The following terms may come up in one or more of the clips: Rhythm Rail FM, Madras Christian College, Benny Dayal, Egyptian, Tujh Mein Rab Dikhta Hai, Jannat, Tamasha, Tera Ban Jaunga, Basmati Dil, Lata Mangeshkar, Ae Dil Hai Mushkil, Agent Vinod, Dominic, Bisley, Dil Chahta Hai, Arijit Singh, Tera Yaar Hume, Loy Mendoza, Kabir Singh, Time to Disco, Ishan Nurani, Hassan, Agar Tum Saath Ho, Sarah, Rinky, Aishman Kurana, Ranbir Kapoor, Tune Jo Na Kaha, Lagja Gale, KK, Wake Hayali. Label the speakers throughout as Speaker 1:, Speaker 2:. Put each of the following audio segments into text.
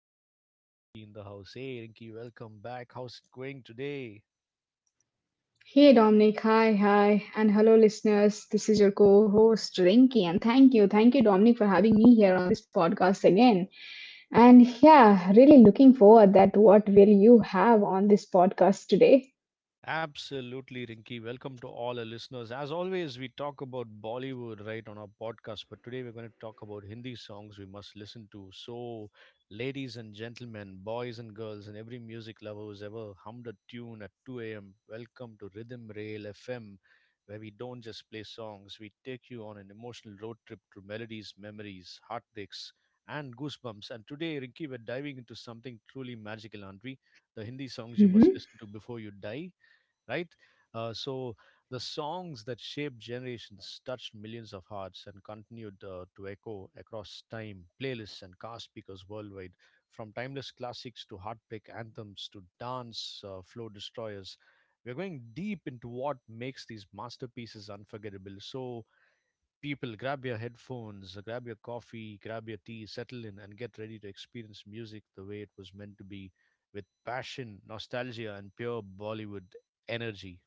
Speaker 1: back with Rinky in the house. Hey, Rinky, welcome back. How's it going today?
Speaker 2: Hey Dominic, hi, and hello listeners. This is your co host Rinky, and thank you, Dominic, for having me here on this podcast again. And yeah, really looking forward that what will you have on this podcast today?
Speaker 1: Absolutely, Rinky. Welcome to all our listeners. As always, we talk about Bollywood right on our podcast, but today we're going to talk about Hindi songs we must listen to. So, ladies and gentlemen, boys and girls, and every music lover who's ever hummed a tune at 2 a.m., welcome to Rhythm Rail FM, where we don't just play songs, we take you on an emotional road trip through melodies, memories, heartbreaks, and goosebumps. And today, Rinky, we're diving into something truly magical, aren't we? The Hindi songs you must
Speaker 2: Mhm.
Speaker 1: listen to before you die, right? So the songs that shaped generations touched millions of hearts and continued to echo across time, playlists and car speakers worldwide, from timeless classics to heartbreak anthems to dance flow destroyers. We're going deep into what makes these masterpieces unforgettable. So, people, grab your headphones, grab your coffee, grab your tea, settle in, and get ready to experience music the way it was meant to be with passion, nostalgia, and pure Bollywood energy.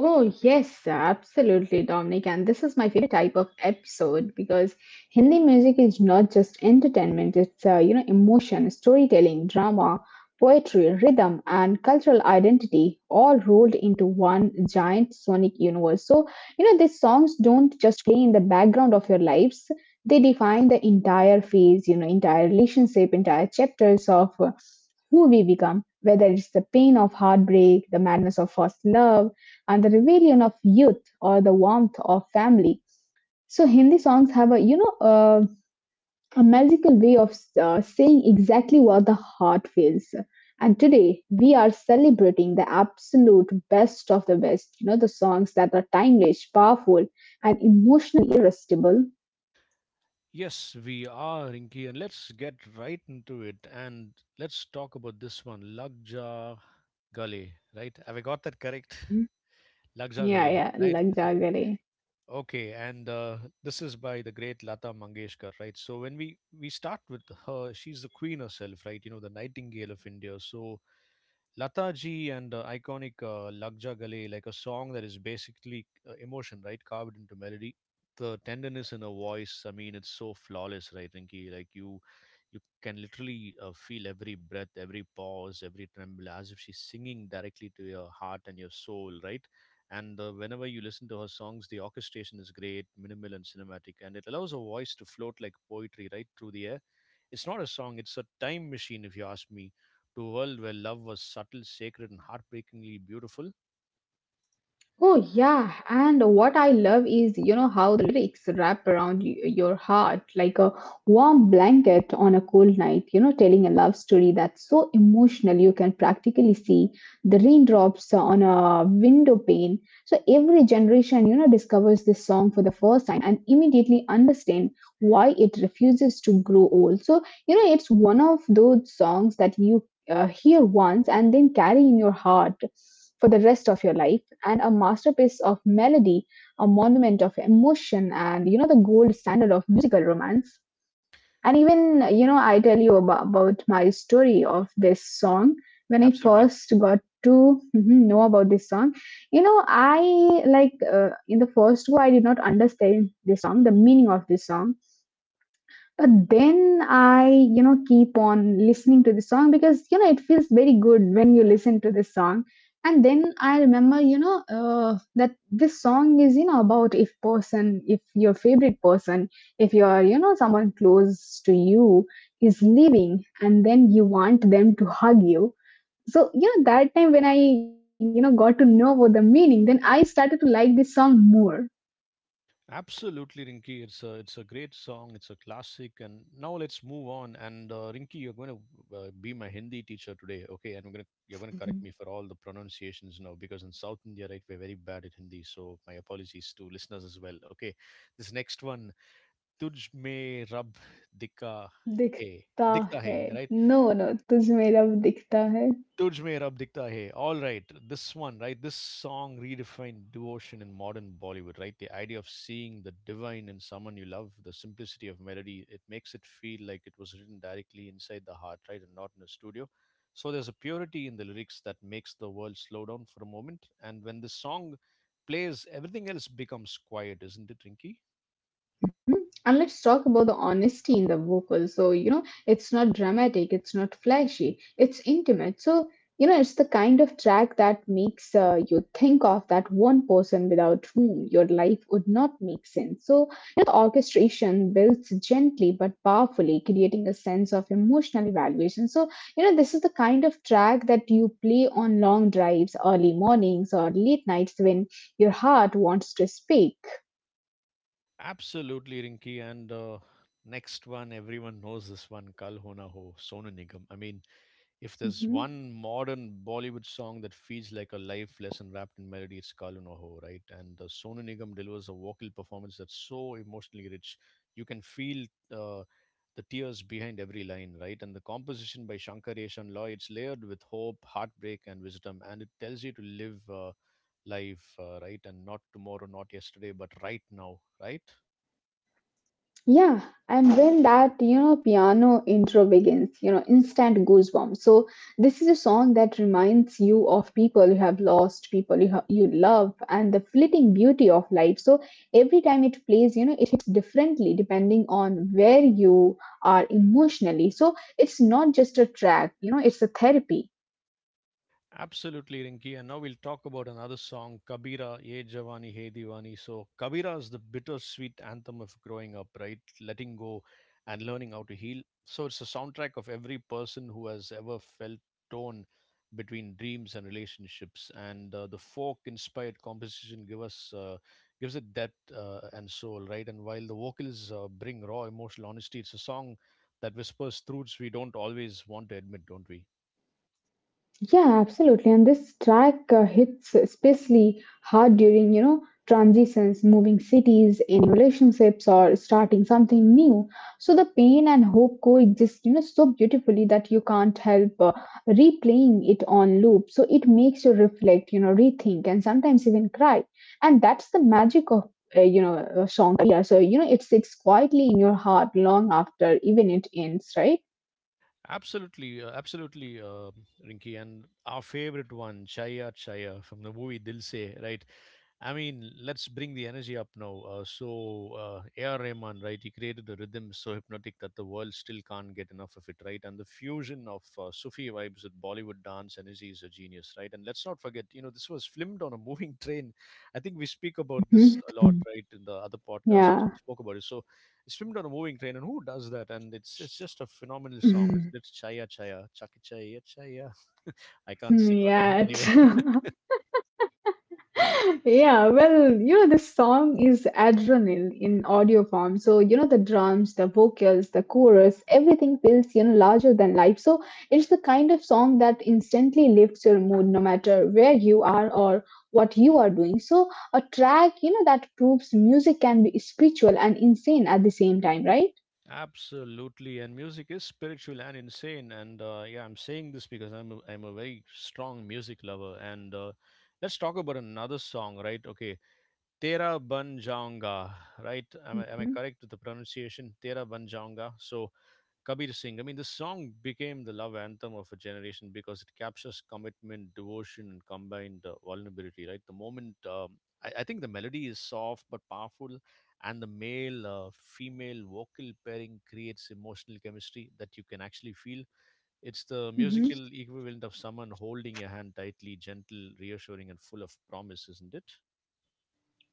Speaker 2: Oh, yes, absolutely, Dominic. And this is my favorite type of episode because Hindi music is not just entertainment, it's, emotion, storytelling, drama, poetry, rhythm, and cultural identity all rolled into one giant sonic universe. So, these songs don't just play in the background of your lives, they define the entire phase, entire relationship, entire chapters of who we become, whether it's the pain of heartbreak, the madness of first love, and the rebellion of youth, or the warmth of family. So Hindi songs have a a magical way of saying exactly what the heart feels. And today we are celebrating the absolute best of the best, the songs that are timeless, powerful, and emotionally irresistible.
Speaker 1: Yes, we are, Rinky, and let's get right into it. And let's talk about this one, Lagja Gale, right? Have I got that correct? Lagja
Speaker 2: Yeah,
Speaker 1: Gale,
Speaker 2: yeah,
Speaker 1: right?
Speaker 2: lag
Speaker 1: And,
Speaker 2: ja gale.
Speaker 1: okay, and this is by the great Lata Mangeshkar, right? So when we start with her, she's the queen herself, right? You know, the Nightingale of India. So Lata ji and iconic Lagja Gale, like a song that is basically emotion, right? Carved into melody. The tenderness in her voice, I mean, it's so flawless, right, Rinky? Like you can literally feel every breath, every pause, every tremble, as if she's singing directly to your heart and your soul, right? And whenever you listen to her songs, the orchestration is great, minimal and cinematic, and it allows her voice to float like poetry right through the air. It's not a song; it's a time machine, if you ask me, to a world where love was subtle, sacred, and heartbreakingly beautiful.
Speaker 2: Oh yeah, and what I love is you know how the lyrics wrap around your heart like a warm blanket on a cold night, telling a love story that's so emotional you can practically see the raindrops on a window pane. So every generation, discovers this song for the first time and immediately understand why it refuses to grow old. So, it's one of those songs that you hear once and then carry in your heart for the rest of your life, and a masterpiece of melody, a monument of emotion, and the gold standard of musical romance. And even, I tell you about my story of this song. When I
Speaker 1: Absolutely.
Speaker 2: first got to know about this song, I like in the first go, I did not understand this song, the meaning of this song, but then I, keep on listening to the song because, it feels very good when you listen to this song. And then I remember, that this song is, about if person, if your favorite person, if you're, someone close to you is leaving and then you want them to hug you. So, that time when I, got to know about the meaning, then I started to like this song more.
Speaker 1: Absolutely, Rinky. It's a great song. It's a classic. And now let's move on. And Rinky, you're going to be my Hindi teacher today, okay? And we're gonna you're going to correct me for all the pronunciations now because in South India, right, we're very bad at Hindi. So my apologies to listeners as well. Okay, this next one, Tujh me Rab Dikha Hai,
Speaker 2: दिखता
Speaker 1: Dikta Hai,
Speaker 2: है
Speaker 1: right?
Speaker 2: No no तुझ में रब दिखता है.
Speaker 1: Tujh Mein Rab Dikhta Hai. All right, this one, right? This song redefined devotion in modern Bollywood, right? The idea of seeing the divine in someone you love, the simplicity of melody, it makes it feel like it was written directly inside the heart, right, and not in a studio. So there's a purity in the lyrics that makes the world slow down for a moment. And when the song plays, everything else becomes quiet, isn't it, Rinky?
Speaker 2: And let's talk about the honesty in the vocal. So, it's not dramatic, it's not flashy, it's intimate. So, it's the kind of track that makes you think of that one person without whom your life would not make sense. So, the orchestration builds gently but powerfully, creating a sense of emotional evaluation. So, this is the kind of track that you play on long drives, early mornings, or late nights when your heart wants to speak.
Speaker 1: Absolutely, Rinky. And next one, everyone knows this one, Kal Ho Na Ho, Sonu Nigam. I mean, if there's
Speaker 2: Mhm.
Speaker 1: one modern Bollywood song that feels like a life lesson wrapped in melody, it's Kalu No Ho, right? And the Sonu Nigam delivers a vocal performance that's so emotionally rich. You can feel uh, the tears behind every line, right? And the composition by Shankar Shankaresh loy it's layered with hope, heartbreak, and wisdom. And it tells you to live life, right? And not tomorrow, not yesterday, but right now, right?
Speaker 2: Yeah, and when that piano intro begins, instant goosebumps. So this is a song that reminds you of people you have lost, people you you love, and the fleeting beauty of life. So every time it plays, it hits differently depending on where you are emotionally. So it's not just a track, it's a therapy.
Speaker 1: Absolutely, Rinki. And now we'll talk about another song, Kabira, Ye Jawani Hey Diwani. So, Kabira is the bittersweet anthem of growing up, right? Letting go and learning how to heal. So, it's the soundtrack of every person who has ever felt torn between dreams and relationships. And the folk inspired gives it depth and soul, right? And while the vocals bring raw emotional honesty, it's a song that whispers truths we don't always want to admit, don't we?
Speaker 2: Yeah, absolutely. And this track hits especially hard during, transitions, moving cities, ending relationships, or starting something new. So the pain and hope coexist, so beautifully that you can't help replaying it on loop. So it makes you reflect, rethink, and sometimes even cry. And that's the magic of, song. Yeah, so you know it sits quietly in your heart long after even it ends, right?
Speaker 1: Absolutely, Rinky. And our favorite one, Chaya Chaya from the movie Dil Se, right? I mean, let's bring the energy up now. A.R. Rahman, right? He created a rhythm so hypnotic that the world still can't get enough of it, right? And the fusion of Sufi vibes with Bollywood dance energy is a genius, right? And let's not forget, you know, this was filmed on a moving train. I think we speak about this
Speaker 2: Mhm.
Speaker 1: a lot, right? In the other podcast,
Speaker 2: Yeah.
Speaker 1: also we spoke about it. So, it's filmed on a moving train, and who does that? And it's just a phenomenal song. It's Chaya Chaya, Chaki Chaya Chaya. I can't sing on
Speaker 2: Yeah,
Speaker 1: it anyway.
Speaker 2: true. Yeah, well, this song is adrenaline in audio form. So, the drums, the vocals, the chorus, everything feels, larger than life. So, it's the kind of song that instantly lifts your mood no matter where you are or what you are doing. So, a track, that proves music can be spiritual and insane at the same time, right?
Speaker 1: Absolutely, and music is spiritual and insane. And yeah, I'm saying this because I'm a very strong music lover. And let's talk about another song, right? Okay, Tera Ban Jaunga, right? Am I correct with the pronunciation? Tera Ban Jaunga. So Kabir Singh. I mean, this song became the love anthem of a generation because it captures commitment, devotion, and combined vulnerability, right? I think the melody is soft but powerful, and the male female vocal pairing creates emotional chemistry that you can actually feel. It's the
Speaker 2: Mhm.
Speaker 1: musical equivalent of someone holding your hand tightly, gentle, reassuring, and full of promise, isn't it?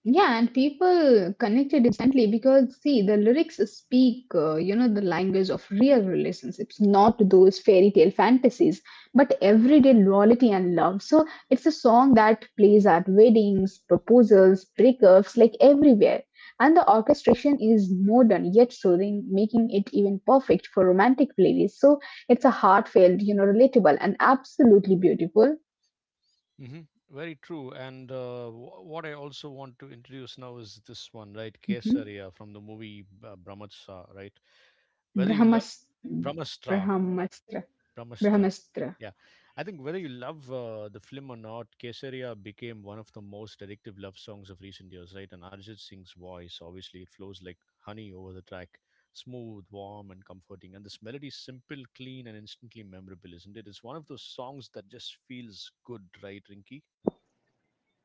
Speaker 2: Yeah, and people connected instantly because see, the lyrics speak, the language of real relationships, not those fairy tale fantasies, but everyday loyalty and love. So it's a song that plays at weddings, proposals, breakups, like everywhere. And the orchestration is modern yet soothing, making it even perfect for romantic playlists. So it's a heartfelt, relatable and absolutely beautiful.
Speaker 1: Hmm. Very true. And what I also want to introduce now is this one, right?
Speaker 2: Hmm.
Speaker 1: Kesaria from the movie Brahmastra, right? Whether you love
Speaker 2: Brahmas-
Speaker 1: Brahmastra,
Speaker 2: Brahmastra.
Speaker 1: Brahmastra,
Speaker 2: Brahmastra.
Speaker 1: yeah. I think whether you love the film or not, Kesaria became one of the most addictive love songs of recent years, right? And Arjit Singh's voice, obviously, it flows like honey over the track, smooth, warm, and comforting. And this melody is simple, clean, and instantly memorable, isn't it? It's one of those songs that just feels good, right, Rinky?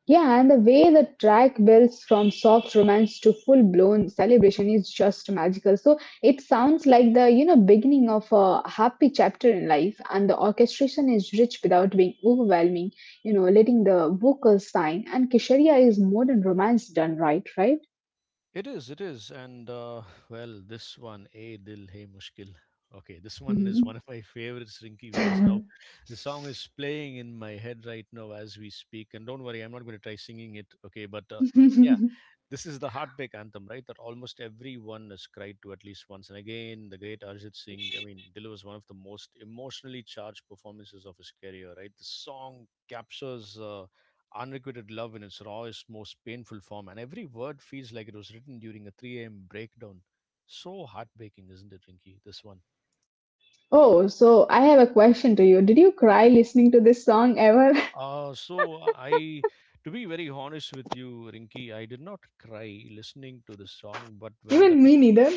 Speaker 2: Yeah, and the way the track builds from soft romance to full-blown celebration is just magical. So it sounds like the, beginning of a happy chapter in life, and the orchestration is rich without being overwhelming, letting the vocals shine. And Kisharia is modern romance done right, right?
Speaker 1: It is, it is. And well, this one, A Dil hai Mushkil. Okay, this one is
Speaker 2: Mhm.
Speaker 1: one of my favorites, Rinky, because now the song is playing in my head right now as we speak. And don't worry, I'm not going to try singing it. Okay, but yeah, this is the heartbreak anthem, right? That almost everyone has cried to at least once. And again, the great Arjit Singh, I mean, delivers one of the most emotionally charged performances of his career, right? The song captures. Unrequited love in its rawest, most painful form, and every word feels like it was written during a 3 a.m. breakdown. So heartbreaking, isn't it, Rinky? This one.
Speaker 2: Oh, so I have a question to you. Did you cry listening to this song ever?
Speaker 1: Uh, so I, to be very honest with you, Rinky, I did not cry listening to the song,
Speaker 2: Even me neither.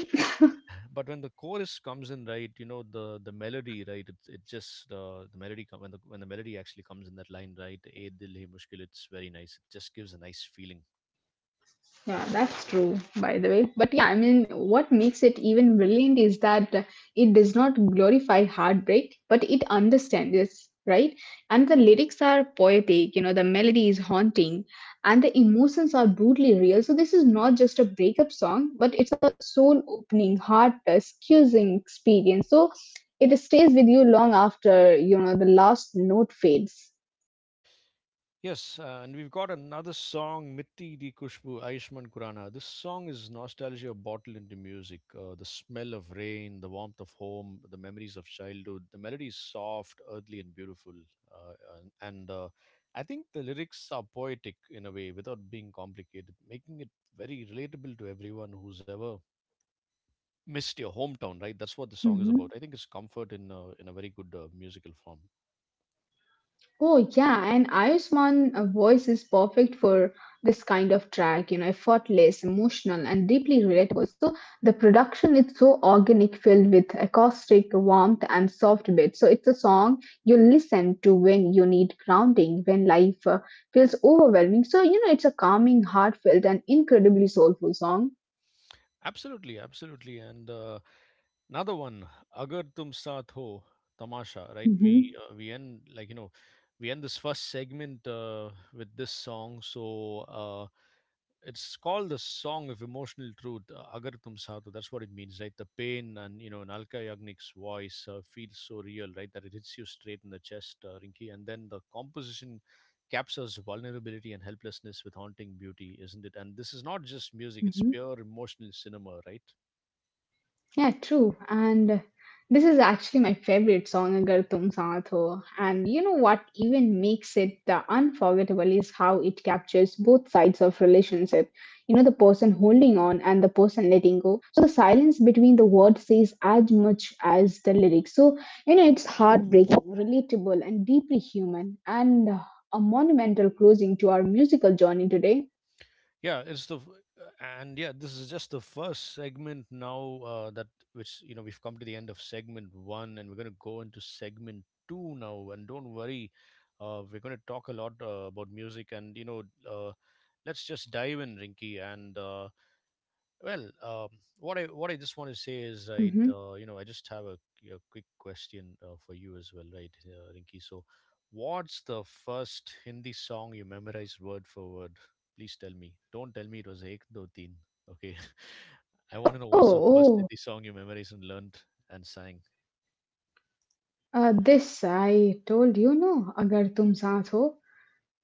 Speaker 1: but when the chorus comes in, right, you know the melody, right, it just the melody come when the melody actually comes in that line, right, "Ae dil hai mushkil," it's very nice. It just gives a nice feeling.
Speaker 2: Yeah, that's true, by the way. But yeah, I mean, what makes it even brilliant is that it does not glorify heartbreak, but it understands this, right? And the lyrics are poetic, the melody is haunting, and the emotions are brutally real. So this is not just a breakup song, but it's a soul-opening, heart-excusing experience. So it stays with you long after, the last note fades.
Speaker 1: Yes, and we've got another song, Mitti Di Kushbu, Aishman Kurana. This song is nostalgia bottled into music. The smell of rain, the warmth of home, the memories of childhood. The melody is soft, earthly, and beautiful. And I think the lyrics are poetic in a way without being complicated, making it very relatable to everyone who's ever missed your hometown, right? That's what the song is about.
Speaker 2: Mm-hmm.
Speaker 1: I think it's comfort in a very good musical form.
Speaker 2: Oh yeah, and Ayushman voice is perfect for this kind of track, effortless, emotional, and deeply relatable. So the production is so organic, filled with acoustic warmth and soft beats. So it's a song you listen to when you need grounding, when life feels overwhelming. So you know, it's a calming, heartfelt, and incredibly soulful song.
Speaker 1: Absolutely, absolutely. And another one, Agar Tum Saath Ho, Tamasha, right?
Speaker 2: Hmm.
Speaker 1: We end like you know, we end this first segment with this song. So it's called the song of emotional truth, Agar Tum Saath Ho. That's what it means, right? The pain and you know, in Alka Yagnik's voice feels so real, right? That it hits you straight in the chest, Rinki. And then the composition captures vulnerability and helplessness with haunting beauty, isn't it? And this is not just music, it's
Speaker 2: Hmm.
Speaker 1: pure emotional cinema, right?
Speaker 2: Yeah, true. And this is actually my favorite song, Agar Tum Saath Ho. And you know what even makes it unforgettable is how it captures both sides of relationship. You know, the person holding on and the person letting go. So the silence between the words says as much as the lyrics. So, it's heartbreaking, relatable, and deeply human. And a monumental closing to our musical journey today.
Speaker 1: Yeah, it's the f- and yeah, this is just the first segment now that which you know we've come to the end of segment one, and we're going to go into segment two now. And don't worry, we're going to talk a lot about music, and you know, uh, let's just dive in, Rinky, and well, what I just want to say is, right,
Speaker 2: Mhm.
Speaker 1: you know, I just have a quick question for you as well, right, Rinki. So, what's the first Hindi song you memorized word for word? Please tell me. Don't tell me it was Ek Do Teen. Okay, I want to know
Speaker 2: Oh, oh,
Speaker 1: what's the first
Speaker 2: oh.
Speaker 1: Hindi song you memorized and learned and sang.
Speaker 2: This I told you, no, Agar Tum Saath Ho.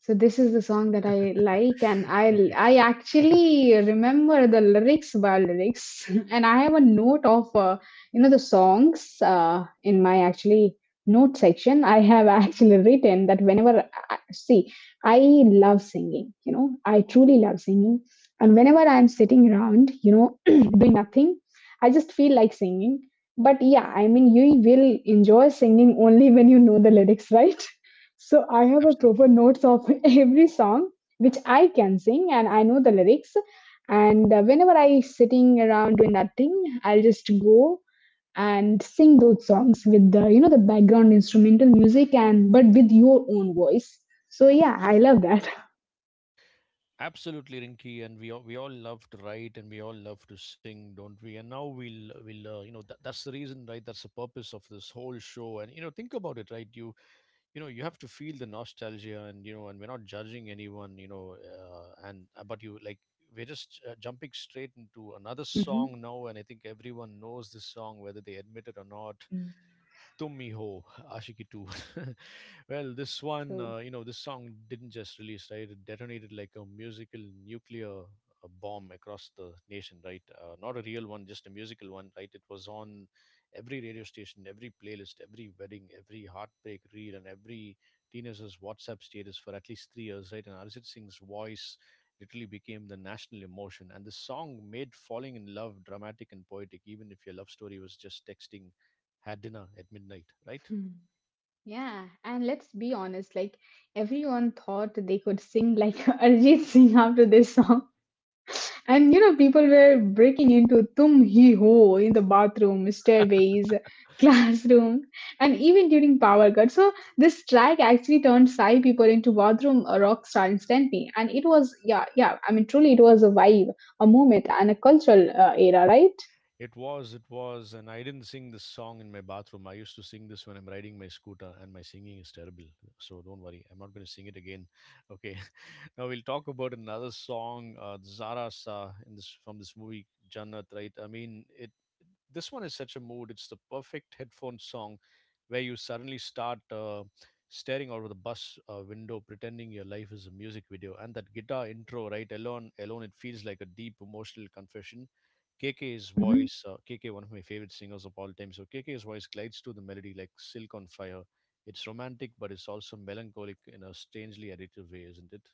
Speaker 2: So this is the song that I like, and I
Speaker 1: okay,
Speaker 2: I actually remember the lyrics by lyrics, and I have a note of you know the songs in my actually note section. I have actually written that whenever I, see I love singing, you know I truly love singing, and whenever I'm sitting around, you know, doing nothing, I just feel like singing. But yeah, I mean you will enjoy singing only when you know the lyrics, right? So I have a
Speaker 1: absolutely.
Speaker 2: proper notes of every song which I can sing and I know the lyrics. And whenever I sitting around doing nothing, I'll just go and sing those songs with the the background instrumental music and but with your own voice. So yeah, I love that.
Speaker 1: Absolutely, Rinky, and we all love to write and we all love to sing, don't we? And now we'll you know that, that's the reason, right? That's the purpose of this whole show. And you know, think about it, right? You know you have to feel the nostalgia, and you know, and we're not judging anyone, you know, and but you like we're just jumping straight into another song
Speaker 2: Mhm.
Speaker 1: now, and I think everyone knows this song, whether they admit it or not.
Speaker 2: Mm.
Speaker 1: Tum Hi Ho, Ashiki Two. Well, this one,
Speaker 2: True.
Speaker 1: you know, this song didn't just release, right? It detonated like a musical nuclear bomb across the nation, right? Not a real one, just a musical one, right? It was on every radio station, every playlist, every wedding, every heartbreak reel, and every teenager's WhatsApp status for at least 3 years, right? And Arjit Singh's voice literally became the national emotion. And the song made falling in love dramatic and poetic, even if your love story was just texting, had dinner at midnight, right?
Speaker 2: Hmm. Yeah, and let's be honest, like everyone thought they could sing like Arjit Singh after this song. And you know, people were breaking into Tum Hi Ho in the bathroom, stairways, classroom, and even during power cut. So this track actually turned Sai people into bathroom rock star instantly. And it was, yeah, yeah, I mean, truly it was a vibe, a moment, and a cultural era, right?
Speaker 1: It was, and I didn't sing this song in my bathroom. I used to sing this when I'm riding my scooter, and my singing is terrible. So don't worry, I'm not going to sing it again. Okay, now we'll talk about another song, Zara Sa, in this from this movie Jannat. Right? I mean, it. This one is such a mood. It's the perfect headphone song, where you suddenly start staring out of the bus window, pretending your life is a music video, and that guitar intro, right? Alone, alone, it feels like a deep emotional confession. KK's voice, KK, one of my favorite singers of all time. So KK's voice glides to the melody like silk on fire. It's romantic, but it's also melancholic in a strangely addictive way, isn't it?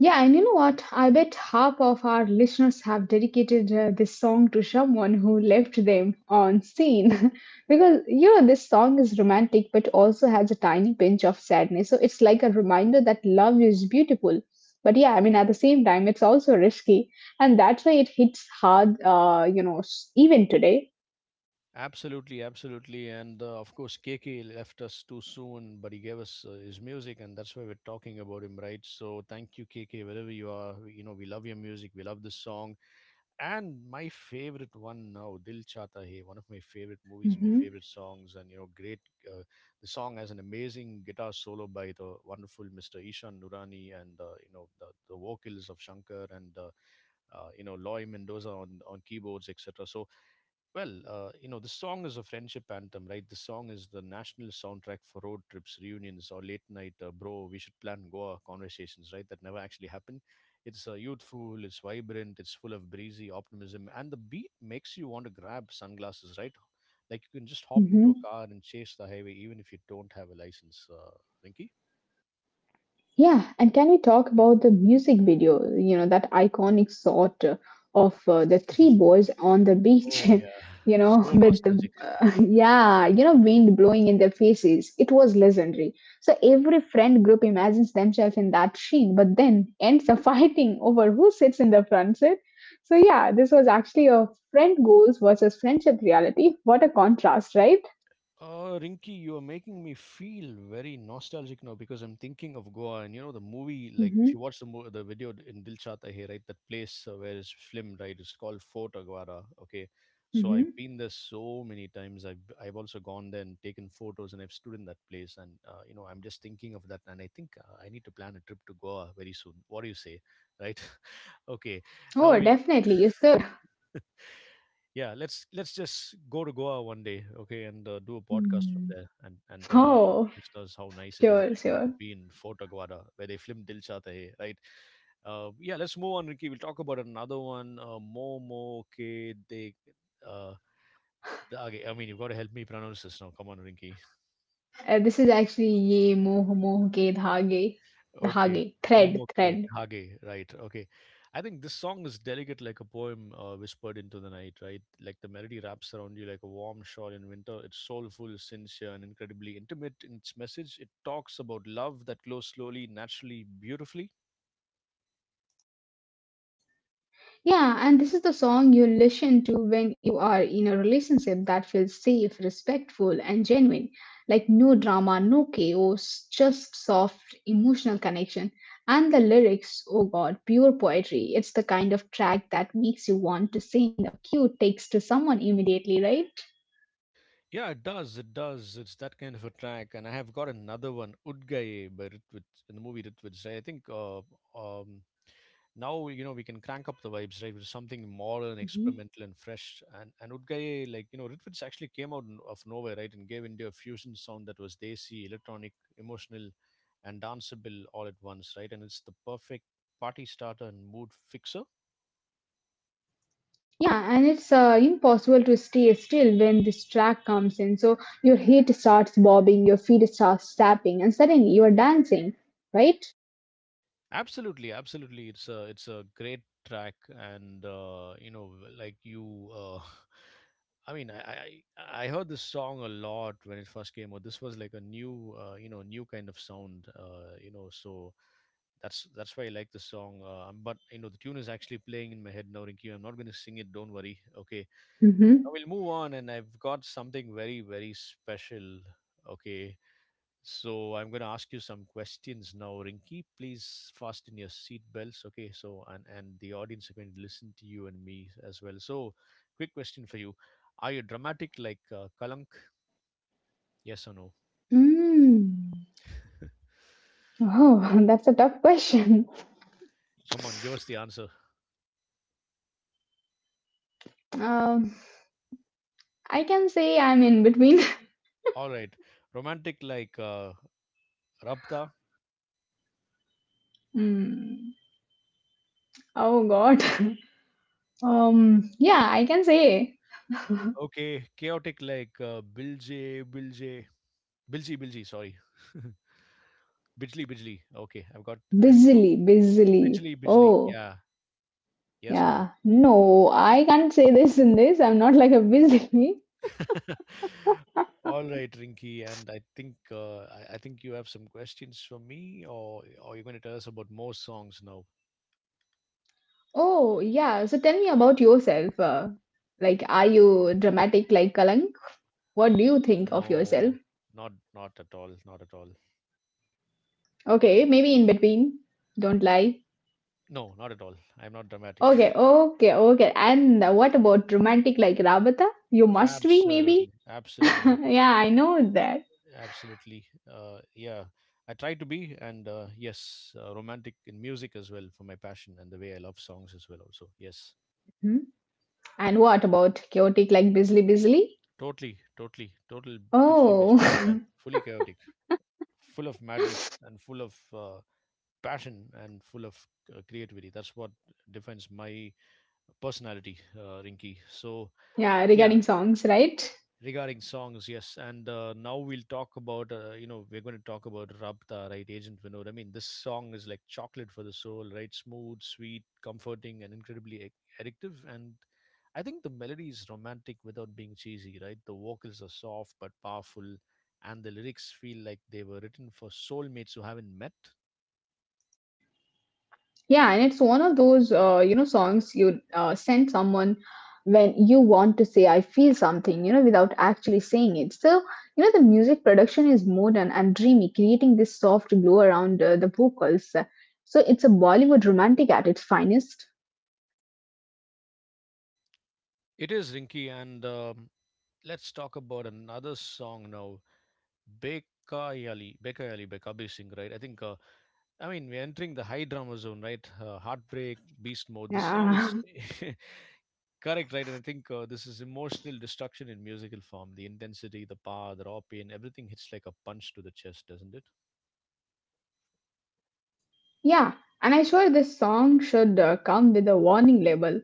Speaker 2: Yeah, and you know what? I bet half of our listeners have dedicated this song to someone who left them on scene. Because, this song is romantic but also has a tiny pinch of sadness. So it's like a reminder that love is beautiful. But yeah, I mean, at the same time, it's also risky. And that's why it hits hard, even today.
Speaker 1: Absolutely, absolutely. And of course, KK left us too soon, but he gave us his music, and that's why we're talking about him, right? So thank you, KK, wherever you are. We- You know, we love your music, we love this song. And my favorite one now, Dil Chata Hai, one of my favorite movies, my
Speaker 2: Hmm.
Speaker 1: favorite songs, and you know, great. Uh, the song has an amazing guitar solo by the wonderful Mr. Ishan Nurani, and you know the vocals of Shankar and you know Loy Mendoza on keyboards, etc. So well, you know, the song is a friendship anthem, right? The song is the national soundtrack for road trips, reunions, or late night, bro, we should plan Goa conversations, right? That never actually happen. It's youthful, it's vibrant, it's full of breezy optimism, and the beat makes you want to grab sunglasses, right? Like you can just hop into a
Speaker 2: Hmm.
Speaker 1: car and chase the highway, even if you don't have a license, Rinky.
Speaker 2: Yeah, and can we talk about the music video? You know, that iconic shot of the three boys on the beach,
Speaker 1: Oh, yeah.
Speaker 2: you know,
Speaker 1: So
Speaker 2: with the
Speaker 1: nostalgic.
Speaker 2: yeah, you know, wind blowing in their faces. It was legendary. So every friend group imagines themselves in that scene, but then ends up fighting over who sits in the front seat. So yeah, this was actually a friend goals versus friendship reality. What a contrast, right?
Speaker 1: Rinky, you are making me feel very nostalgic now because I'm thinking of Goa and you know the movie. Like, if
Speaker 2: Mm-hmm,
Speaker 1: you watch the the video in Dil Chahta Hai, right, that place where it's filmed, right, it's called Fort Aguada. Okay, so I've
Speaker 2: mm-hmm.
Speaker 1: been there so many times. I've also gone there and taken photos, and I've stood in that place, and you know I'm just thinking of that, and I think I need to plan a trip to Goa very soon. What do you say, right? okay, now
Speaker 2: Oh,
Speaker 1: we'll
Speaker 2: definitely. Is the
Speaker 1: yeah, let's just go to Goa one day, okay, and do a podcast from
Speaker 2: Hmm.
Speaker 1: there and tell our
Speaker 2: Oh,
Speaker 1: listeners how nice it is,
Speaker 2: sure,
Speaker 1: right, to
Speaker 2: sure.
Speaker 1: be in Fort Aguada where they filmed Dil Chahta Hai, right? Yeah, let's move on, Ricky. We'll talk about another one. Momo ke de, uh, okay, I mean, you've got to help me pronounce this now. Come on, Rinky.
Speaker 2: This is actually Ye Moh Moh Ke Dhage.
Speaker 1: Okay.
Speaker 2: Dhage. Thread.
Speaker 1: Momoke,
Speaker 2: Thread.
Speaker 1: Dhage, right. Okay. I think this song is delicate like a poem whispered into the night, right? Like the melody wraps around you like a warm shawl in winter. It's soulful, sincere, and incredibly intimate in its message. It talks about love that glows slowly, naturally, beautifully.
Speaker 2: Yeah, and this is the song you listen to when you are in a relationship that feels safe, respectful, and genuine. Like no drama, no chaos, just soft emotional connection. And the lyrics, oh god, pure poetry. It's the kind of track that makes you want to sing a cute text to someone immediately, right?
Speaker 1: Yeah, it does. It does. It's that kind of a track. And I have got another one, Udgaye, by Ritwik, in the movie Ritwik. I think um, Now you know we can crank up the vibes, right, with something modern, experimental, and fresh, and Udgai, like you know Ritviz actually came out of nowhere, right, and gave India a fusion sound that was desi, electronic, emotional, and danceable all at once, right? And it's the perfect party starter and mood fixer.
Speaker 2: Yeah, and it's impossible to stay still when this track comes in. So your head starts bobbing, your feet starts tapping, and suddenly you are dancing, right?
Speaker 1: Absolutely, absolutely. It's a great track, and you know, like you, I mean, I heard this song a lot when it first came out. This was like a you know, new kind of sound, you know. So that's why I like the song. But you know, the tune is actually playing in my head now, Rinky. I'm not going to sing it. Don't worry. Okay,
Speaker 2: Mm-hmm.
Speaker 1: I will move on, and I've got something very very special. Okay, so I'm going to ask you some questions now, Rinky. Please fasten your seat belts, okay? So and the audience are going to listen to you and me as well. So, quick question for you: are you dramatic like Kalank? Yes or no?
Speaker 2: Mm. Oh, that's a tough question.
Speaker 1: Come on, give us the answer.
Speaker 2: Um, I can say I'm in between.
Speaker 1: All right, romantic like Rabta.
Speaker 2: Mm. Oh God. Yeah, I can say
Speaker 1: Okay, chaotic like Bilje, Bilje, Bilji, Bilji. Sorry, Bijli, Bijli. Okay, I've got. I mean, no,
Speaker 2: busily, busily.
Speaker 1: Bijli, Bijli.
Speaker 2: Oh,
Speaker 1: Yeah. Yes or no?
Speaker 2: yeah. No, I can't say this in this. I'm not like a busily.
Speaker 1: All right, Rinky, and I think you have some questions for me, or you're going to tell us about more songs now?
Speaker 2: Oh, yeah. So tell me about yourself. Like, are you dramatic like Kalank? What do you think of
Speaker 1: No,
Speaker 2: yourself?
Speaker 1: not at all, not at all.
Speaker 2: Okay, maybe in between. Don't lie.
Speaker 1: No, not at all. I'm not dramatic.
Speaker 2: Okay, okay, okay. And what about romantic like Rabata? You must be, maybe.
Speaker 1: Absolutely, absolutely,
Speaker 2: Yeah, I know that.
Speaker 1: absolutely. Yeah, I try to be, and yes, romantic in music as well for my passion and the way I love songs as well. Also, yes,
Speaker 2: Hmm? And what about chaotic like Bisley Bisley?
Speaker 1: totally, totally, total, bitchly,
Speaker 2: Oh,
Speaker 1: bitchly. Yeah, fully chaotic, full of madness, and full of passion and full of creativity. That's what defines my personality, Rinky. So
Speaker 2: yeah,
Speaker 1: yeah,
Speaker 2: regarding songs, right?
Speaker 1: regarding songs, yes. And now we'll talk about you know we're going to talk about Rabta, right? Agent Vinod. I mean, this song is like chocolate for the soul, right? Smooth, sweet, comforting, and incredibly addictive. And I think the melody is romantic without being cheesy, right? The vocals are soft but powerful, and the lyrics feel like they were written for soulmates who haven't met.
Speaker 2: Yeah, and it's one of those songs you send someone when you want to say I feel something, you know, without actually saying it. So you know the music production is modern and dreamy, creating this soft glow around the vocals. So it's a Bollywood romantic at its finest.
Speaker 1: It is Rinky, and let's talk about another song now. Bekayali, Bekayali by Kabir Singh, right? I mean, we're entering the high drama zone, right? Heartbreak, beast mode. This song is
Speaker 2: Yeah.
Speaker 1: correct, right? And I think this is emotional destruction in musical form. The intensity, the power, the raw pain, everything hits like a punch to the chest, doesn't it?
Speaker 2: Yeah, and I swear this song should come with a warning label.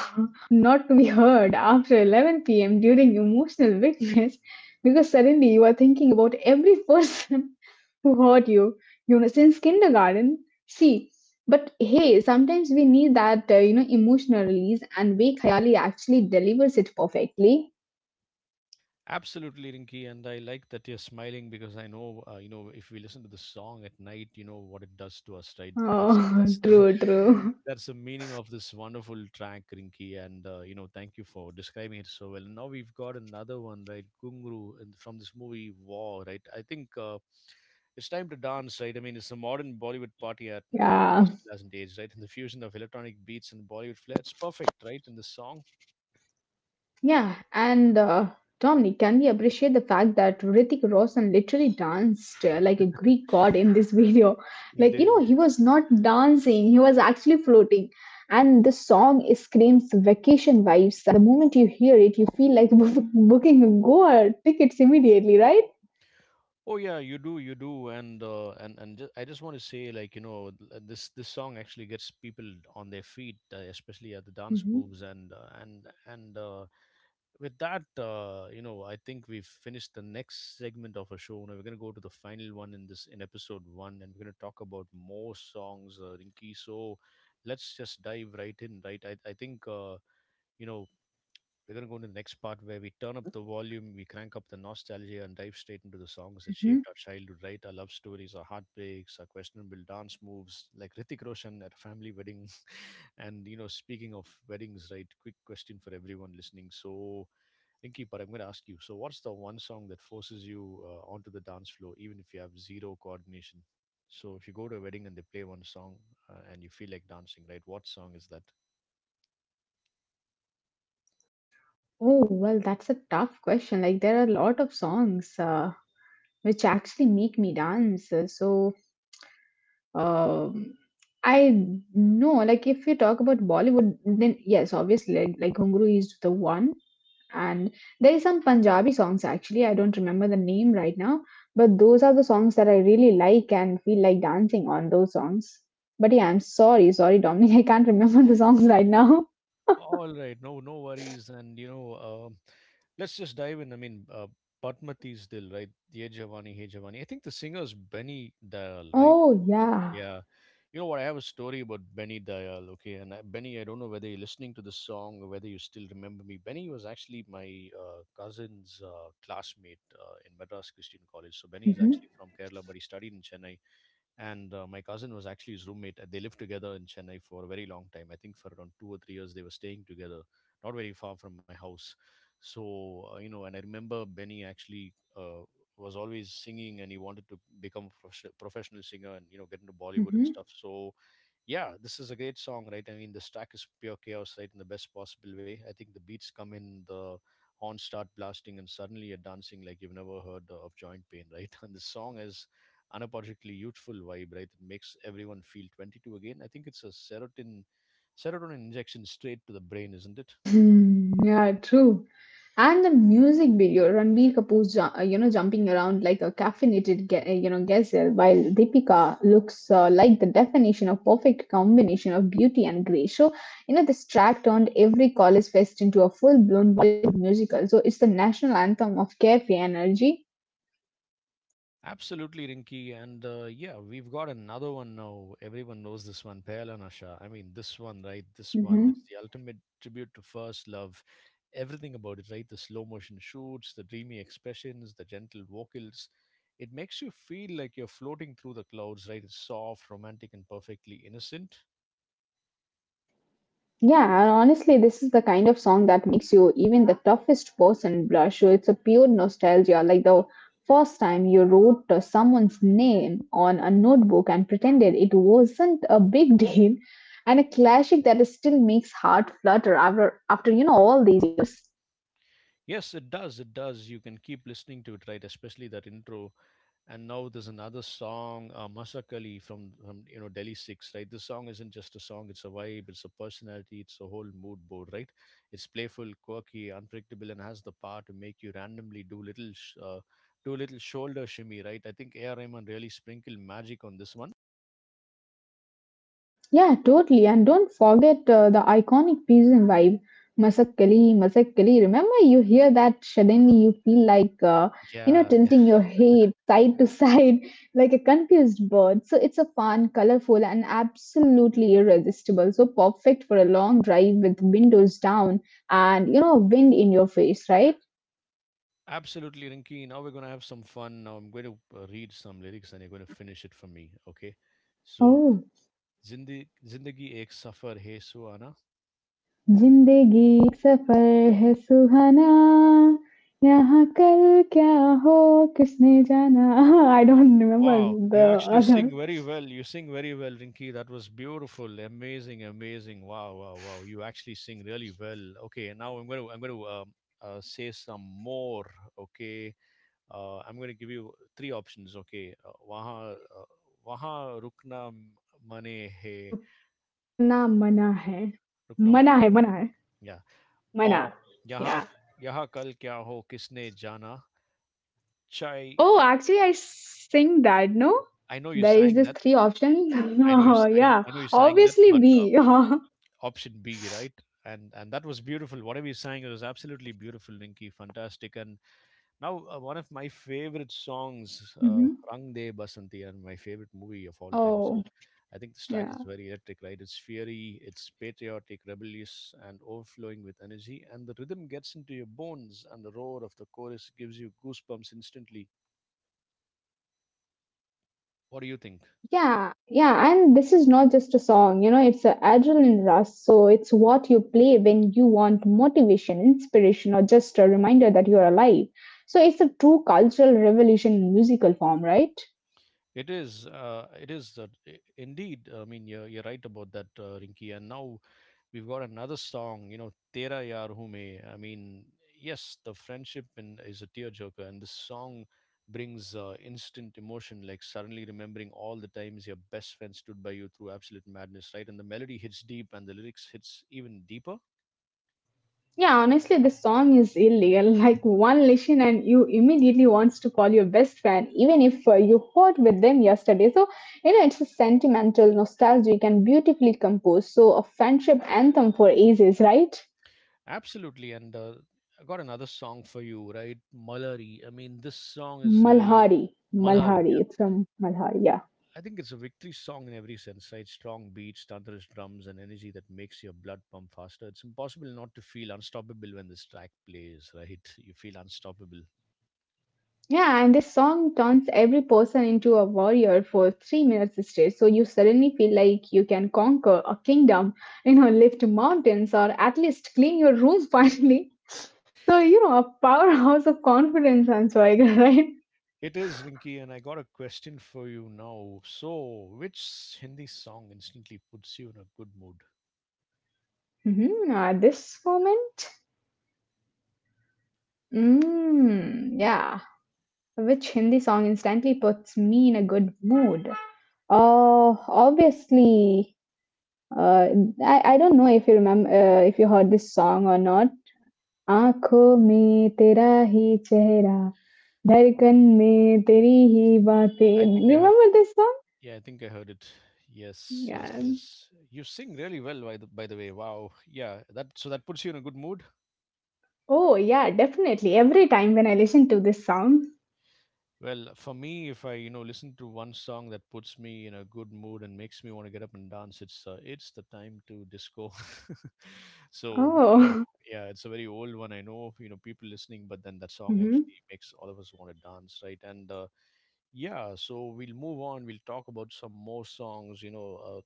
Speaker 2: Not to be heard after 11 p.m. during emotional weakness because suddenly you are thinking about every person who hurt you, you know, since kindergarten. See, but hey, sometimes we need that, emotional release, and Wake Hayali actually delivers it perfectly.
Speaker 1: Absolutely, Rinky, and I like that you're smiling because I know, you know, if we listen to the song at night, you know what it does to us, right? That's
Speaker 2: Oh,
Speaker 1: that's
Speaker 2: true, true.
Speaker 1: that's the meaning of this wonderful track, Rinky, and you know, thank you for describing it so well. And now we've got another one, right? Gungru, and from this movie War, right? I think it's time to dance, right? I mean, it's a modern Bollywood party at anthem
Speaker 2: Yeah.
Speaker 1: that still hasn't aged, right? And the fusion of electronic beats and Bollywood flair, it's perfect, right? In the song,
Speaker 2: Yeah, and Dominic, can we appreciate the fact that Hrithik Roshan literally danced like a Greek god in this video?
Speaker 1: he
Speaker 2: Like, you
Speaker 1: did.
Speaker 2: know, he was not dancing, he was actually floating. And the song screams vacation vibes. The moment you hear it, you feel like booking a Goa tickets immediately, right?
Speaker 1: Oh yeah, you do, and ju- I just want to say, like you know, this song actually gets people on their feet, especially at the dance
Speaker 2: Hmm.
Speaker 1: moves, and with that, you know, I think we've finished the next segment of our show. Now we're gonna go to the final one in this in episode 1, and we're gonna talk about more songs, Rinky. So let's just dive right in, right? I think you know we're going to go into the next part where we turn up the volume, we crank up the nostalgia, and dive straight into the songs that shaped our childhood, right? Our love stories, our heartbreaks, our questionable dance moves, like Ritik Roshan at a family wedding. and, you know, speaking of weddings, right? Quick question for everyone listening. So, Rinky, but I'm going to ask you so, what's the one song that forces you onto the dance floor, even if you have zero coordination? So, if you go to a wedding and they play one song and you feel like dancing, right? What song is that?
Speaker 2: Oh, well, that's a tough question. Like, there are a lot of songs which actually make me dance. So, um, I know, like, if you talk about Bollywood, then yes, obviously, like Gunguru is the one. And there is some Punjabi songs actually. I don't remember the name right now, but those are the songs that I really like and feel like dancing on those songs. But yeah, I'm sorry, sorry, Dominic, I can't remember the songs right now.
Speaker 1: All right, no, no worries, and you know, let's just dive in. I mean, Basmati's Dil, right? Ye Jawani, Hey Jawani. I think the singer's Benny Dayal, right?
Speaker 2: Oh, yeah.
Speaker 1: Yeah. You know what? I have a story about Benny Dayal, okay? And Benny, I don't know whether you're listening to this song or whether you still remember me. Benny was actually my cousin's classmate in Madras Christian College. So Benny is
Speaker 2: Hmm.
Speaker 1: actually from Kerala, but he studied in Chennai and my cousin was actually his roommate. They lived together in Chennai for a very long time. I think for around 2 or 3 years they were staying together, not very far from my house. So you know, and I remember Benny actually was always singing, and he wanted to become a professional singer and you know get into Bollywood and stuff. So yeah, this is a great song, right? I mean, the track is pure chaos, right, in the best possible way. I think the beats come in, the horns start blasting, and suddenly you're dancing like you've never heard of joint pain, right. And the song is unapologetically youthful vibe, right? It makes everyone feel 22 again. I think it's a serotonin injection straight to the brain, isn't it?
Speaker 2: Mhm. Yeah, true. And the music video, Ranbir Kapoor, you know, jumping around like a caffeinated, you know, gazelle, while Deepika looks like the definition of perfect combination of beauty and grace. So, you know, this track turned every college fest into a full-blown Bollywood musical. So, it's the national anthem of carefree energy.
Speaker 1: Absolutely, Rinky. And yeah, we've got another one now. Everyone knows this one, Pehla Nasha. I mean, this one, right? This one. It's the ultimate tribute to first love. Everything about it, right? The slow motion shoots, the dreamy expressions, the gentle vocals. It makes you feel like you're floating through the clouds, right? It's soft, romantic, and perfectly innocent.
Speaker 2: Yeah, and honestly, this is the kind of song that makes you even the toughest person blush. So it's a pure nostalgia, like the first time you wrote someone's name on a notebook and pretended it wasn't a big deal, and a classic that still makes heart flutter after you know all these years.
Speaker 1: Yes, it does. It does. You can keep listening to it, right? Especially that intro. And now there's another song, Masakali from, you know Delhi Six, right? This song isn't just a song; it's a vibe, it's a personality, it's a whole mood board, right? It's playful, quirky, unpredictable, and has the power to make you randomly do little shoulder shimmy, right? I think AR. Rahman really sprinkled magic on this one.
Speaker 2: Yeah, totally. And don't forget the iconic Pisan vibe. Masakkali, Masakkali. Remember, you hear that suddenly you feel like, you know,
Speaker 1: Yeah, yeah,
Speaker 2: tilting your head side to side like a confused bird. So it's a fun, colorful, and absolutely irresistible. So perfect for a long drive with windows down and, you know, wind in your face, right?
Speaker 1: absolutely, Rinky. Now we're gonna have some fun. Now I'm going to read some lyrics, and you're going to finish it for me, okay? So
Speaker 2: Oh.
Speaker 1: Zindi Zindagi Ek Safar Hai Suhana.
Speaker 2: जिंदगी एक सफर है सुहाना यहाँ कल क्या हो किसने जाना I don't
Speaker 1: Wow,
Speaker 2: remember
Speaker 1: you
Speaker 2: the
Speaker 1: actually sing
Speaker 2: other
Speaker 1: very well. You sing very well, Rinki. That was beautiful, amazing, amazing. Wow, wow, wow. You actually sing really well. Okay, and now I'm going to say some more. Okay, I'm going to give you three options. Okay, Waha Mane Hai
Speaker 2: रुकना मना है
Speaker 1: Rukna Mana
Speaker 2: मना
Speaker 1: Hai.
Speaker 2: है मना है
Speaker 1: Yeah. Or
Speaker 2: मना.
Speaker 1: Yaha
Speaker 2: Yeah.
Speaker 1: Yaha Kal Kya Ho Kisne Jana Chai.
Speaker 2: Oh, actually I sing that.
Speaker 1: I
Speaker 2: No,
Speaker 1: know you sang that.
Speaker 2: there is this three
Speaker 1: I know you.
Speaker 2: options.
Speaker 1: I know you sang
Speaker 2: Yeah,
Speaker 1: that, but
Speaker 2: obviously B.
Speaker 1: option
Speaker 2: Mhm.
Speaker 1: B, right? And that was beautiful. Whatever you sang, it was absolutely beautiful, Ninki. Fantastic. And now one of my favorite songs, "Rang De Basanti," and my favorite movie of all time. So, I
Speaker 2: Oh
Speaker 1: think this track is very
Speaker 2: yeah.
Speaker 1: electric, right? It's fiery, it's patriotic, rebellious, and overflowing with energy. And the rhythm gets into your bones, and the roar of the chorus gives you goosebumps instantly. What do you think?
Speaker 2: Yeah, yeah, and this is not just a song, you know, it's an adrenaline rush. So it's what you play when you want motivation, inspiration, or just a reminder that you're alive. So it's a true cultural revolution in musical form, right?
Speaker 1: It is indeed. I mean, you're right about that, Rinky. And now we've got another song, you know, Tera Yaar Hume. I mean, yes, the friendship is a tearjerker, and this song brings instant emotion, like suddenly remembering all the times your best friend stood by you through absolute madness, right? And the melody hits deep, and the lyrics hits even deeper.
Speaker 2: Yeah, honestly, this song is illegal. Like one listen, and you immediately wants to call your best friend, even if you fought with them yesterday. So you know, it's a sentimental, nostalgic, and beautifully composed. So a friendship anthem for ages, right?
Speaker 1: Absolutely, and I got another song for you, right? Malari. I mean, this song is really
Speaker 2: Malhari,
Speaker 1: Malhari. Yeah.
Speaker 2: Malhari. It's from Malhari, yeah.
Speaker 1: I think it's a victory song in every sense, right? Strong beats, thunderous drums, and energy that makes your blood pump faster. It's impossible not to feel unstoppable when this track plays, right? You feel unstoppable.
Speaker 2: Yeah, and this song turns every person into a warrior for 3 minutes straight. So you suddenly feel like you can conquer a kingdom, you know, lift mountains, or at least clean your room finally. So, you know, a powerhouse of confidence, Answaiga, right?
Speaker 1: It is, Rinky, and I got a question for you now. So, which Hindi song instantly puts you in a good mood?
Speaker 2: Mm-hmm. At this moment, mm, yeah. Which Hindi song instantly puts me in a good mood? Oh, obviously, Uh, I don't know if you remember if you heard this song or not. आंखों में तेरा ही चेहरा धड़कन में तेरी ही
Speaker 1: I think
Speaker 2: बातें
Speaker 1: I heard it.
Speaker 2: remember this song.
Speaker 1: Yeah, I think I heard it. Yes,
Speaker 2: Yeah.
Speaker 1: yes, yes. You sing really well, by the way. Wow. Yeah, that puts you in a good mood.
Speaker 2: Oh yeah, definitely every time when I listen to this song.
Speaker 1: Well, for me, if I you know listen to one song that puts me in a good mood and makes me want to get up and dance, it's the time to disco. So you know,
Speaker 2: Oh.
Speaker 1: yeah, it's a very old one. I know you know people listening, but then that song
Speaker 2: Hmm.
Speaker 1: actually makes all of us want to dance, right? And yeah, so we'll move on. We'll talk about some more songs. You know,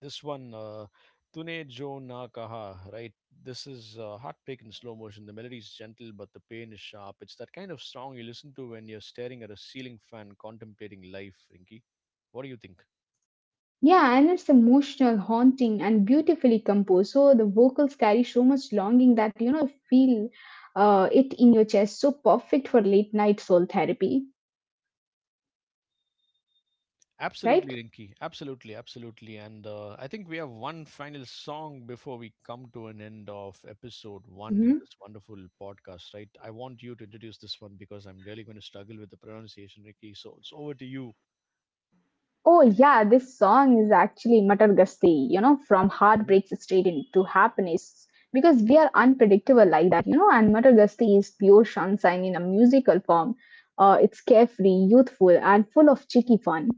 Speaker 1: this one, Tune Jo Na Kaha, right? This is heartbreak in slow motion. The melody is gentle, but the pain is sharp. It's that kind of song you listen to when you're staring at a ceiling fan contemplating life, Rinky. What do you think?
Speaker 2: Yeah, and it's emotional, haunting, and beautifully composed, so the vocals carry so much longing that you know you feel it in your chest. So perfect for late night soul therapy, right?
Speaker 1: Absolutely, Rinky. Absolutely, absolutely. And I think we have one final song before we come to an end of episode one in this wonderful podcast, right? I want you to introduce this one because I'm really going to struggle with the pronunciation, Rinky. So it's over to you.
Speaker 2: Oh yeah, this song is actually Matar Gasti, you know, from heartbreaks straight into happiness. Because we are unpredictable like that, you know, and Matar Gasti is pure sunshine in a musical form. It's carefree, youthful, and full of cheeky fun.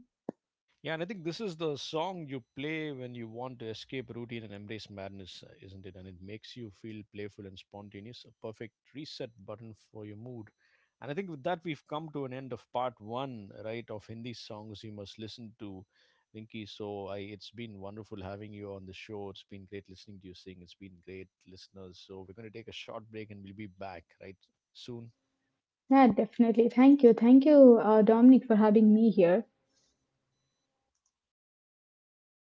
Speaker 1: Yeah, and I think this is the song you play when you want to escape routine and embrace madness, isn't it? And it makes you feel playful and spontaneous, a perfect reset button for your mood. And I think with that, we've come to an end of part one, right, of Hindi songs you must listen to, Rinki. So it's been wonderful having you on the show. It's been great listening to you sing. It's been great, listeners. So we're going to take a short break and we'll be back, right, soon.
Speaker 2: Yeah, definitely. Thank you. Thank you, Dominic, for having me here.